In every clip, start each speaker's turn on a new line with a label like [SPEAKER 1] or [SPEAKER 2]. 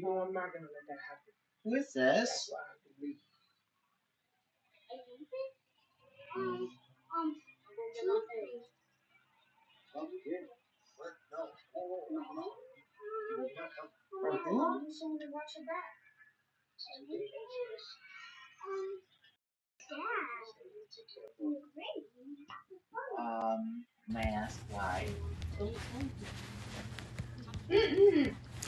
[SPEAKER 1] What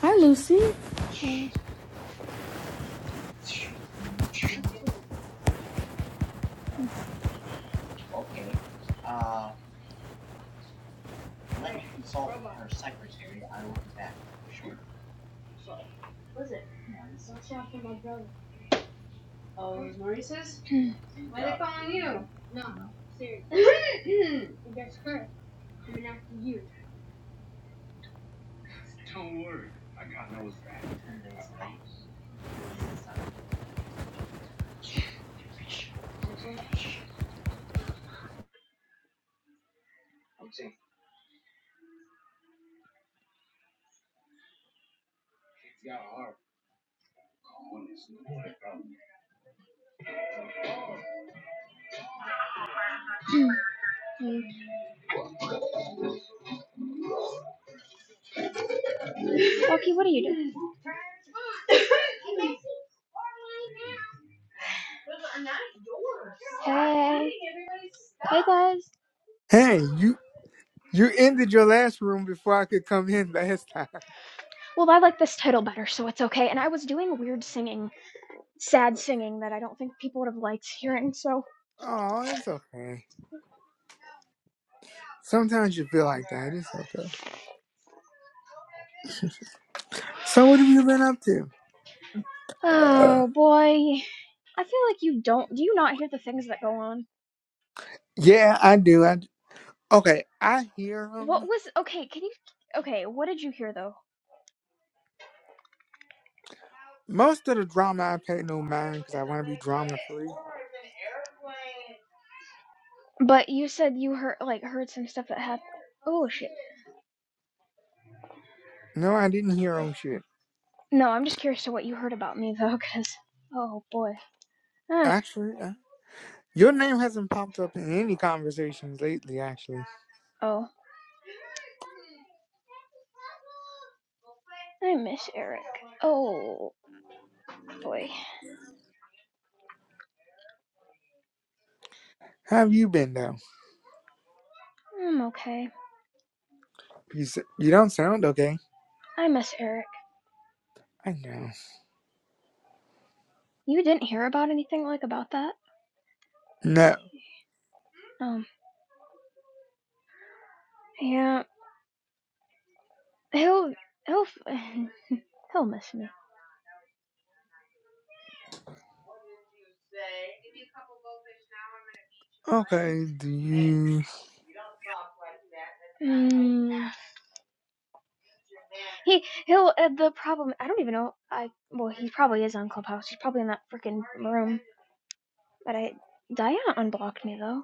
[SPEAKER 2] Hi, Lucy.
[SPEAKER 1] Was it? Oh, it was Maurice's? What's on you? Loki, what are you doing? Hey. Hey, guys.
[SPEAKER 3] Hey, you you ended your last room before I could come in last time.
[SPEAKER 1] Well, I like this title better, so it's okay. And I was doing weird singing, sad singing that I don't think people would have liked hearing, so.
[SPEAKER 3] Oh, it's okay. Sometimes you feel like that. It's okay. So what have you been up to? Uh,
[SPEAKER 1] Oh, boy. I feel like you don't. Do you not hear the things that go on?
[SPEAKER 3] yeah, I do. I d- okay. I hear
[SPEAKER 1] What
[SPEAKER 3] them.
[SPEAKER 1] was. Okay, can you. Okay, what did you hear, though?
[SPEAKER 3] Most of the drama I pay no mind because I want to be drama free.
[SPEAKER 1] But you said you heard, like, heard some stuff that happened. Oh, shit.
[SPEAKER 3] No, I didn't hear him shit.
[SPEAKER 1] No, I'm just curious to what you heard about me, though, because. Oh, boy. Eh,
[SPEAKER 3] Actually, uh, your name hasn't popped up in any conversations lately. Actually,
[SPEAKER 1] oh. I miss Eric. Oh boy.
[SPEAKER 3] how have you been though?
[SPEAKER 1] I'm okay.
[SPEAKER 3] You s- you don't sound okay.
[SPEAKER 1] I miss Eric.
[SPEAKER 3] I know.
[SPEAKER 1] You didn't hear about anything like about that?
[SPEAKER 3] No.
[SPEAKER 1] Um, yeah. He'll he'll he'll miss me.
[SPEAKER 3] Okay. Do you?
[SPEAKER 1] Mm, he he'll uh, the problem. I don't even know. I well, he probably is on Clubhouse. He's probably in that freaking room. But I Diana unblocked me though.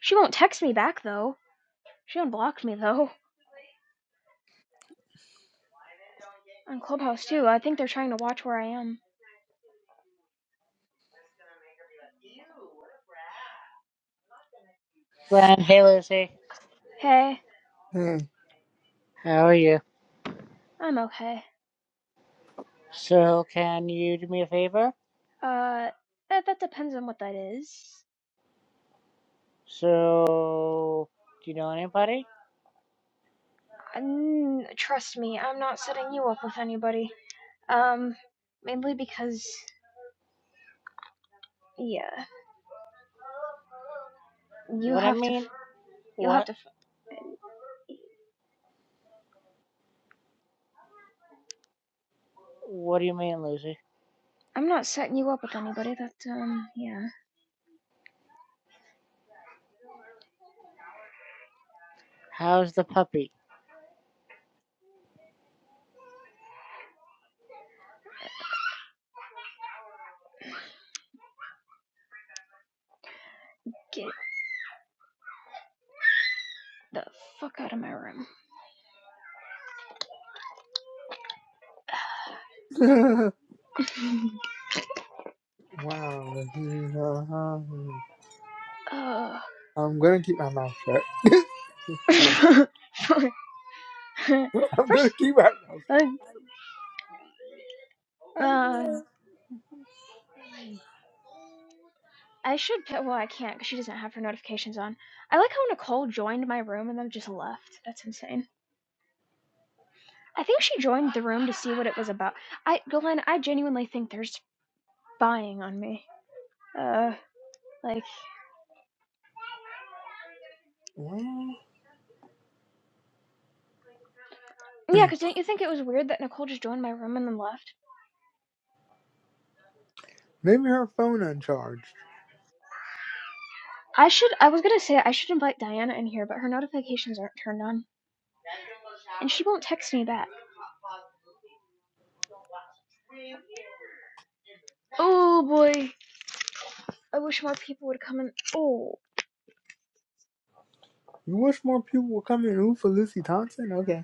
[SPEAKER 1] She won't text me back though. She unblocked me though. On Clubhouse too. I think they're trying to watch where I am.
[SPEAKER 4] Glenn, hey Lucy,
[SPEAKER 1] Hey.
[SPEAKER 3] hmm.
[SPEAKER 4] how are you?
[SPEAKER 1] I'm okay.
[SPEAKER 4] So, can you do me a favor?
[SPEAKER 1] Uh, that, that depends on what that is.
[SPEAKER 4] So, do you know anybody?
[SPEAKER 1] Um, trust me, I'm not setting you up with anybody. Um, mainly because yeah, you
[SPEAKER 4] What I
[SPEAKER 1] have to.
[SPEAKER 4] mean,
[SPEAKER 1] You'll have
[SPEAKER 4] what?
[SPEAKER 1] to. i
[SPEAKER 4] What do you mean, Lucy?
[SPEAKER 1] I'm not setting you up with anybody. That um, yeah.
[SPEAKER 4] How's the puppy?
[SPEAKER 1] Get the fuck out of my room.
[SPEAKER 3] wow. he, uh,
[SPEAKER 1] uh,
[SPEAKER 3] I'm gonna keep my mouth shut.
[SPEAKER 1] first,
[SPEAKER 3] I'm gonna keep my mouth
[SPEAKER 1] uh,
[SPEAKER 3] shut. I
[SPEAKER 1] uh,
[SPEAKER 3] really
[SPEAKER 1] I should. Well, I can't because she doesn't have her notifications on. I like how Nicole joined my room and then just left. That's insane. I think she joined the room to see what it was about. I, Glenn, I genuinely think they're spying on me. Uh, like,
[SPEAKER 3] am. Well,
[SPEAKER 1] yeah, because didn't you think it was weird that Nicole just joined my room and then left?
[SPEAKER 3] maybe her phone uncharged.
[SPEAKER 1] I should, I was gonna say I should invite Diana in here, but her notifications aren't turned on. And she won't text me back. Oh boy, I wish more people would come in. Oh,
[SPEAKER 3] You wish more people would come and root for Lucy Thompson? Okay.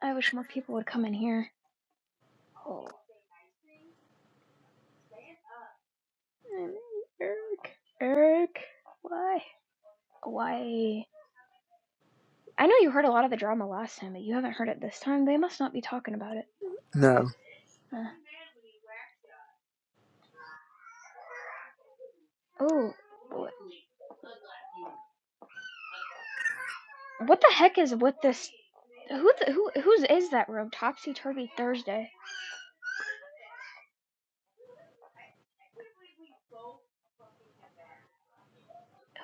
[SPEAKER 1] I wish more people would come in here. Oh, Eric, Eric, why? Why? I know you heard a lot of the drama last time, but you haven't heard it this time. They must not be talking about it.
[SPEAKER 3] No.
[SPEAKER 1] Uh. Oh, what the heck is with this? Who th- who whose is that room? Topsy Turvy Thursday.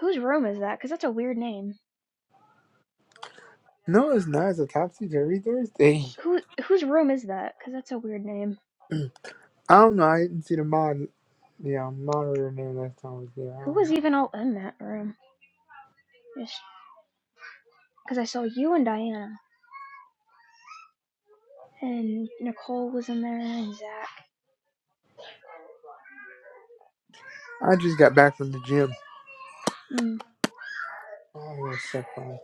[SPEAKER 1] Whose room is that? Cause that's a weird name.
[SPEAKER 3] No, it's not. It's a topsy turvy Thursday.
[SPEAKER 1] Who whose room is that? Cause that's a weird name.
[SPEAKER 3] I don't know. I didn't see the mod. Yeah, moderator name last time I was there. I
[SPEAKER 1] Who
[SPEAKER 3] don't
[SPEAKER 1] was even all in that room? Because I saw you and Diana, and Nicole was in there, and Zach.
[SPEAKER 3] know. I just got back from the gym.
[SPEAKER 1] Mm.
[SPEAKER 3] Oh, it was so fun.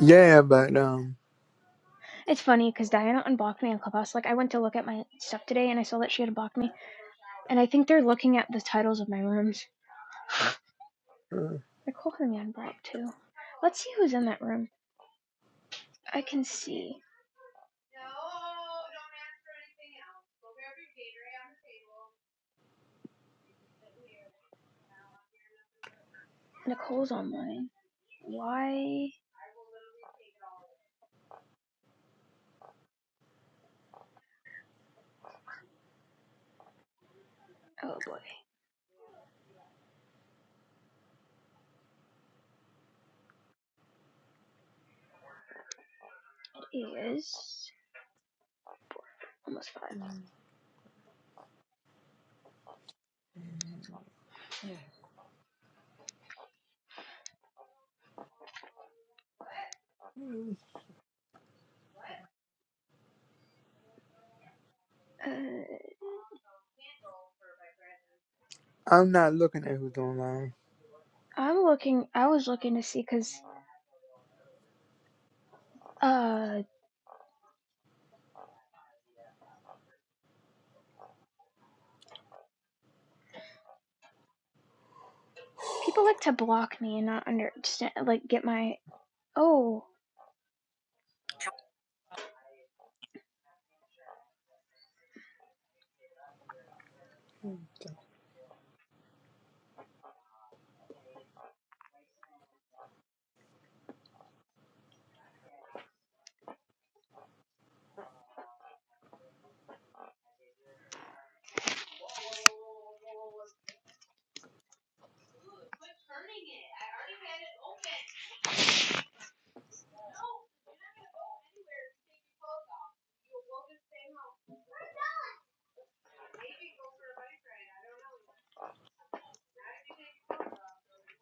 [SPEAKER 3] Yeah, but um,
[SPEAKER 1] It's funny because Diana unblocked me on Clubhouse. Like I went to look at my stuff today and I saw that she had unblocked me. And I think they're looking at the titles of my rooms.
[SPEAKER 3] uh,
[SPEAKER 1] Nicole had me unblocked too. Let's see who's in that room. I can see. Nicole's online. Why? Oh boy. It is almost five. Uh,
[SPEAKER 3] I'm not looking at who's online.
[SPEAKER 1] I'm looking. I was looking to see because uh, people like to block me and not understand. Like get my. Oh.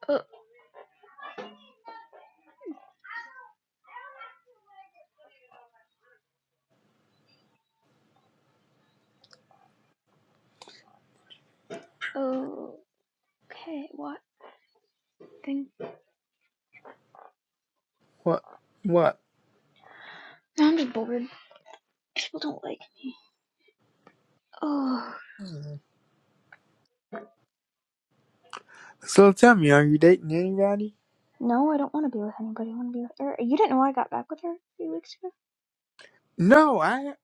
[SPEAKER 1] Uh, oh. Okay. What thing?
[SPEAKER 3] What? What?
[SPEAKER 1] No, I'm just bored. People don't like. Oh
[SPEAKER 3] So tell me, are you dating anybody?
[SPEAKER 1] no, I don't want to be with anybody. I want to be with her. You didn't know I got back with her a few weeks ago.
[SPEAKER 3] No, I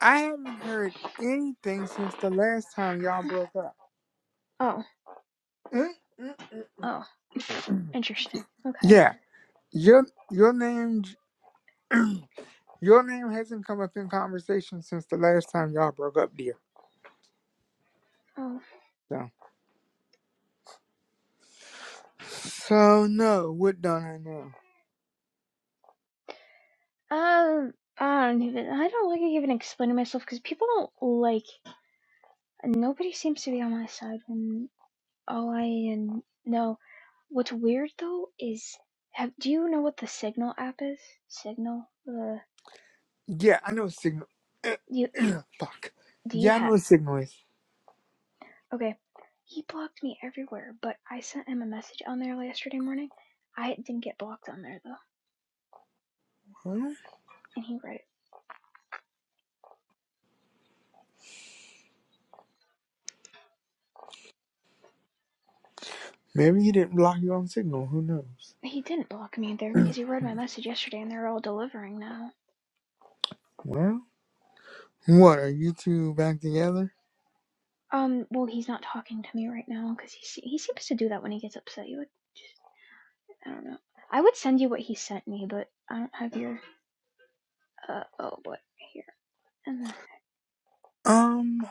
[SPEAKER 3] I haven't heard anything since the last time y'all broke up.
[SPEAKER 1] Oh,
[SPEAKER 3] Mm, mm, mm.
[SPEAKER 1] oh, interesting. Okay.
[SPEAKER 3] Yeah, your your name your name hasn't come up in conversation since the last time y'all broke up, dear.
[SPEAKER 1] Oh,
[SPEAKER 3] So so no, what don't I know?
[SPEAKER 1] um, I don't even. I don't like even explaining myself because people don't like. Nobody seems to be on my side when all I and no. What's weird though is, have do you know what the Signal app is? Signal. Uh,
[SPEAKER 3] Yeah, I know what signal.
[SPEAKER 1] do you
[SPEAKER 3] Fuck.
[SPEAKER 1] do you
[SPEAKER 3] Yeah, I know
[SPEAKER 1] have?
[SPEAKER 3] what signal is.
[SPEAKER 1] Okay. He blocked me everywhere, but I sent him a message on there yesterday morning. I didn't get blocked on there though.
[SPEAKER 3] Well,
[SPEAKER 1] And he writes,
[SPEAKER 3] maybe he didn't block you on signal. Who knows?
[SPEAKER 1] he didn't block me there because he read my message yesterday and they're all delivering now.
[SPEAKER 3] Well, what are you two back together?
[SPEAKER 1] Um, well, he's not talking to me right now because he se- he seems to do that when he gets upset. You would, just, I don't know. I would send you what he sent me, but I don't have your. Uh oh, but here and
[SPEAKER 3] Um,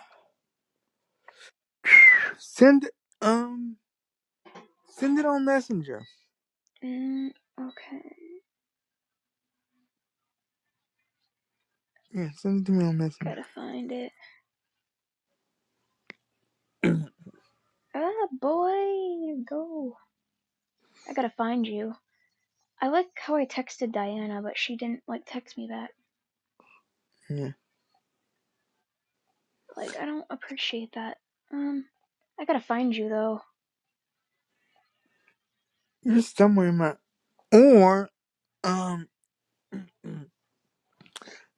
[SPEAKER 3] send um send it on Messenger.
[SPEAKER 1] then. Mm, okay,
[SPEAKER 3] Yeah, send it to me on Messenger.
[SPEAKER 1] gotta find it. Ah, boy, go. I gotta find you. I like how I texted Diana, but she didn't like text me back.
[SPEAKER 3] yeah,
[SPEAKER 1] Like I don't appreciate that. Um, I gotta find you though.
[SPEAKER 3] you're somewhere in my or um.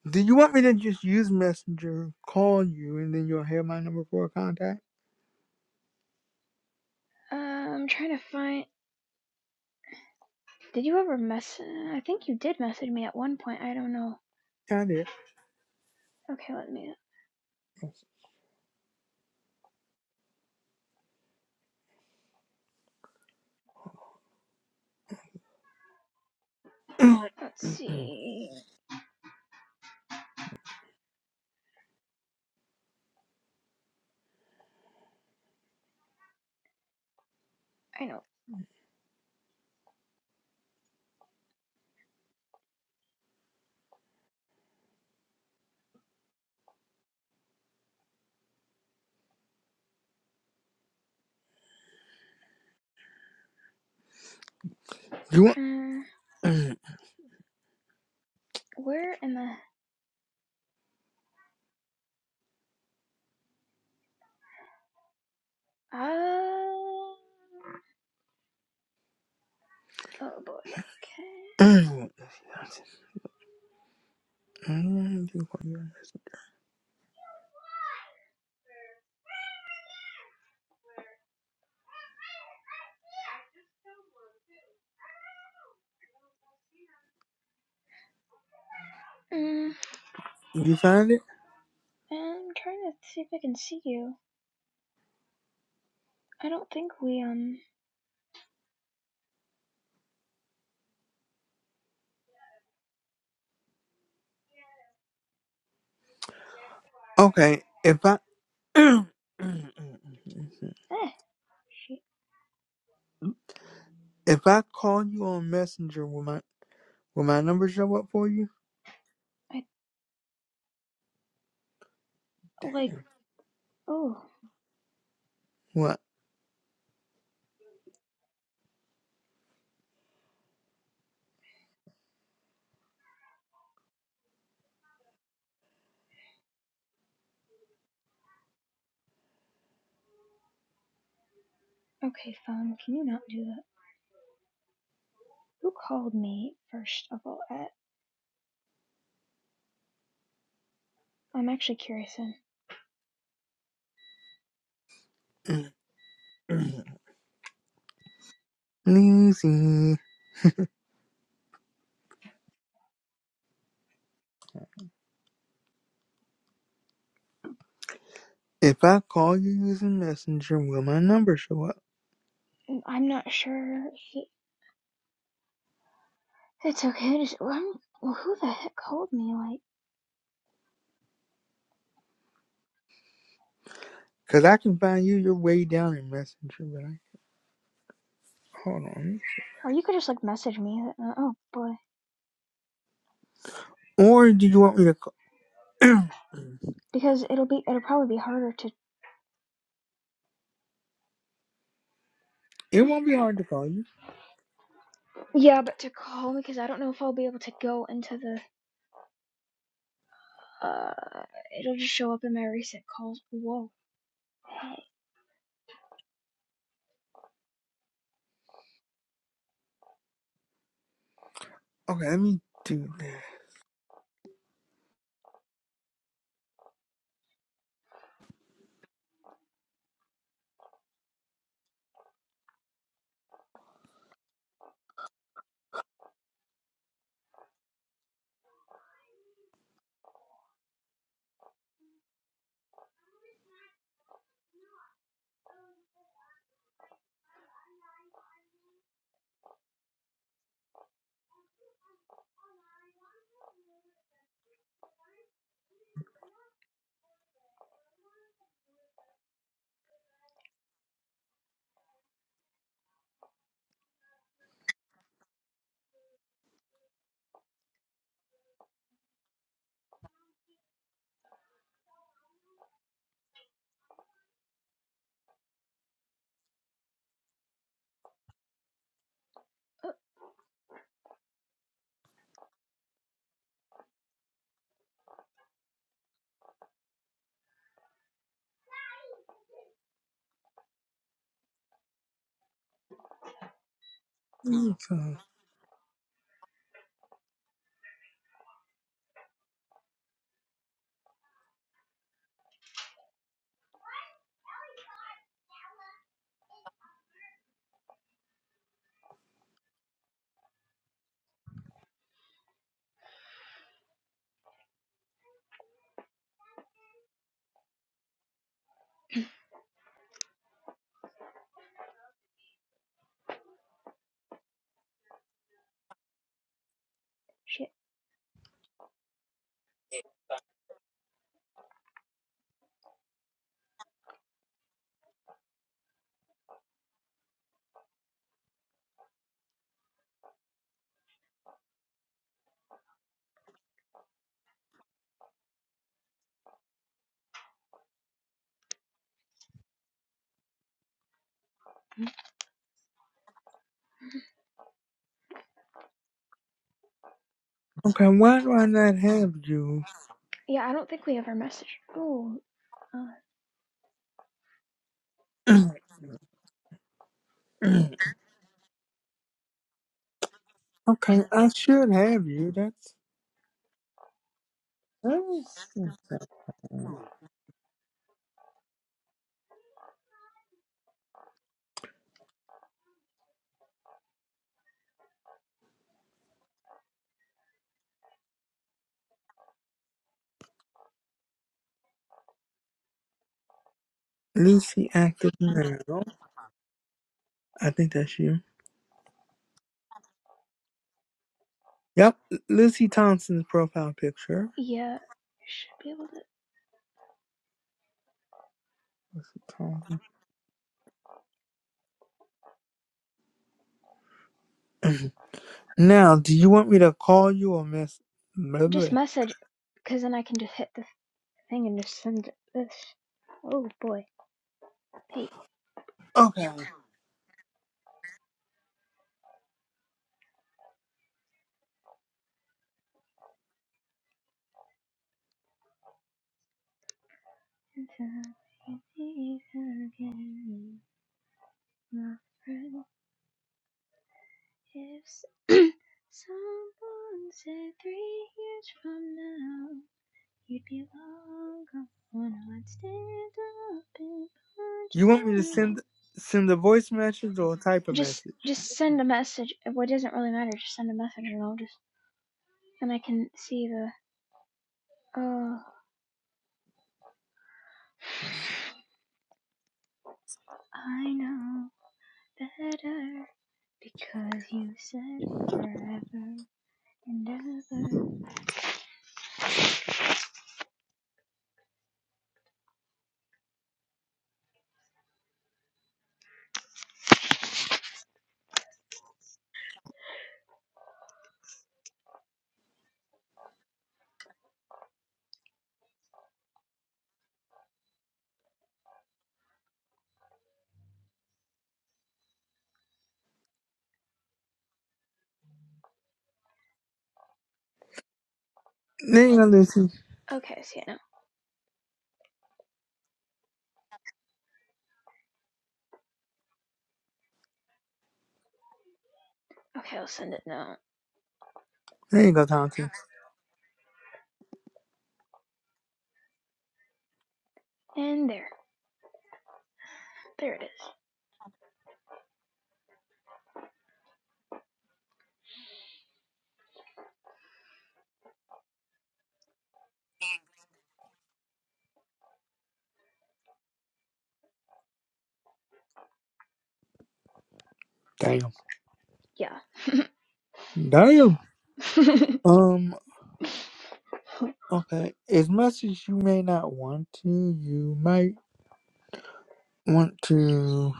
[SPEAKER 3] Do you want me to just use Messenger, call you, and then you'll have my number for a contact?
[SPEAKER 1] Um, I'm trying to find. Did you ever mess? I think you did message me at one point. I don't know.
[SPEAKER 3] Got it.
[SPEAKER 1] Okay, let me.
[SPEAKER 3] Do
[SPEAKER 1] Let's see. I know.
[SPEAKER 3] you want?
[SPEAKER 1] Uh, where in the? Uh, oh boy. Okay. Mm,
[SPEAKER 3] you find it?
[SPEAKER 1] I'm trying to see if I can see you. I don't think we um.
[SPEAKER 3] Okay. If I
[SPEAKER 1] Eh. She,
[SPEAKER 3] If I call you on Messenger, will my will my number show up for you?
[SPEAKER 1] I like. Oh.
[SPEAKER 3] What?
[SPEAKER 1] Okay, phone. Can you not do that? Who called me first of all? Uh, I'm actually curious, and
[SPEAKER 3] Easy. If I call you using Messenger, will my number show up?
[SPEAKER 1] I'm not sure. If it, it's okay. Just, well, I'm, well, who the heck called me? Like.
[SPEAKER 3] Cause I can find you. You're way down in Messenger, but I, hold on.
[SPEAKER 1] Or you could just like message me. Uh, oh boy,
[SPEAKER 3] Or do you want me to call?
[SPEAKER 1] because it'll be it'll probably be harder to.
[SPEAKER 3] it won't be hard to call you.
[SPEAKER 1] Yeah, but to call me because I don't know if I'll be able to go into the. Uh, it'll just show up in my recent calls. Whoa.
[SPEAKER 3] Okay, let me do that.
[SPEAKER 1] Oh
[SPEAKER 3] Let
[SPEAKER 1] shit.
[SPEAKER 3] Okay, why do I not have you?
[SPEAKER 1] Yeah, I don't think we ever messaged. Oh, uh,
[SPEAKER 3] Okay, I should have you. That's. Let Lucy active now. I think that's you. Yep, Lucy Thompson's profile picture.
[SPEAKER 1] yeah, I should be able to
[SPEAKER 3] Lucy Thompson. now, do you want me to call you or mess? Blah,
[SPEAKER 1] just
[SPEAKER 3] blah.
[SPEAKER 1] message, because then I can just hit the thing and just send this. Oh boy. Hey.
[SPEAKER 3] Okay.
[SPEAKER 1] If someone said three years from now you'd be long gone, I'd stand up and
[SPEAKER 3] You
[SPEAKER 1] punch
[SPEAKER 3] want me to send
[SPEAKER 1] them.
[SPEAKER 3] send a voice message or type a
[SPEAKER 1] Just,
[SPEAKER 3] message?
[SPEAKER 1] just send a message. Well, it doesn't really matter. Just send a message, and I'll just, and I can see the. Oh, I know better because you said forever and ever.
[SPEAKER 3] There you go, Lucy.
[SPEAKER 1] Okay, I see it now. Okay, I'll send it now.
[SPEAKER 3] There you go, Thompson.
[SPEAKER 1] And there, there it
[SPEAKER 3] Damn.
[SPEAKER 1] is. Yeah.
[SPEAKER 3] Damn. Um. Okay. It's message you may not want to. You might want to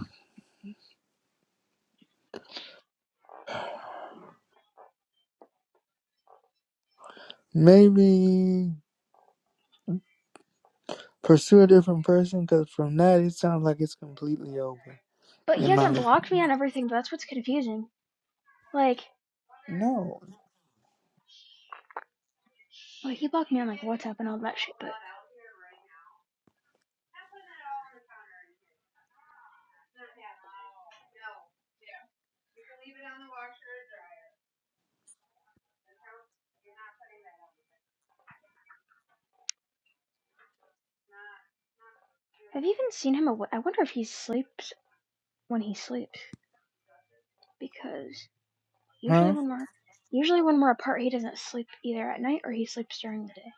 [SPEAKER 3] maybe pursue a different person because from that it sounds like it's completely over.
[SPEAKER 1] But he
[SPEAKER 3] In
[SPEAKER 1] hasn't
[SPEAKER 3] my
[SPEAKER 1] blocked me on everything, but that's what's confusing. Like,
[SPEAKER 3] no,
[SPEAKER 1] well, he blocked me on like WhatsApp and all that shit, but have you even seen him awa I wonder if he sleeps when he sleeps because
[SPEAKER 3] huh?
[SPEAKER 1] usually when we're usually when we're apart, he doesn't sleep either at night or he sleeps during the day.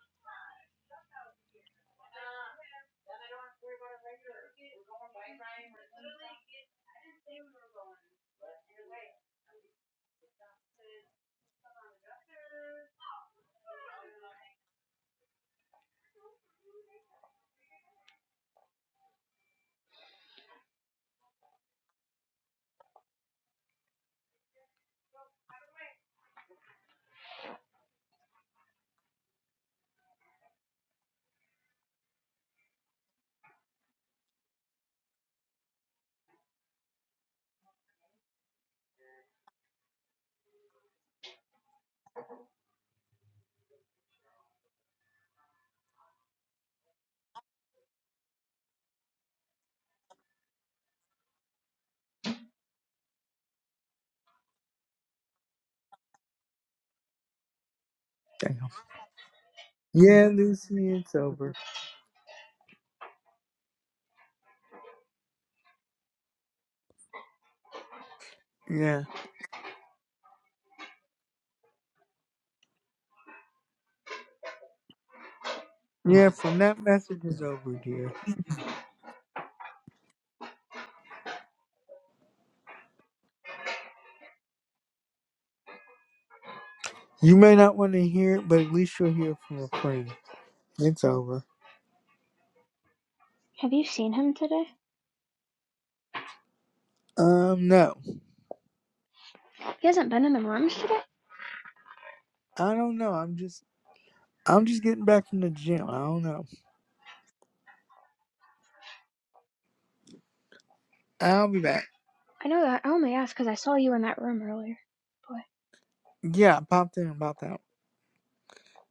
[SPEAKER 3] Damn. Yeah, Lucy, it's over. Yeah. Yeah, from that message is over, dear. You may not want to hear it, but at least you'll hear it from a friend. It's over.
[SPEAKER 1] Have you seen him today?
[SPEAKER 3] Um, no.
[SPEAKER 1] He hasn't been in the rooms today.
[SPEAKER 3] I don't know. I'm just I'm just getting back from the gym. I don't know. I'll be back.
[SPEAKER 1] I know that. I only asked because I saw you in that room earlier. Boy.
[SPEAKER 3] Yeah, I popped in and popped out.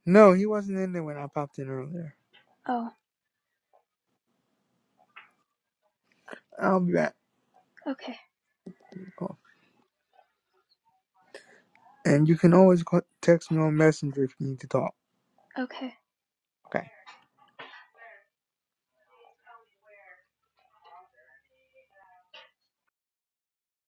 [SPEAKER 3] No, he wasn't in there when I popped in earlier.
[SPEAKER 1] Oh.
[SPEAKER 3] I'll be back.
[SPEAKER 1] Okay.
[SPEAKER 3] Cool. And you can always call, text me on Messenger if you need to talk.
[SPEAKER 1] Okay.
[SPEAKER 3] Okay.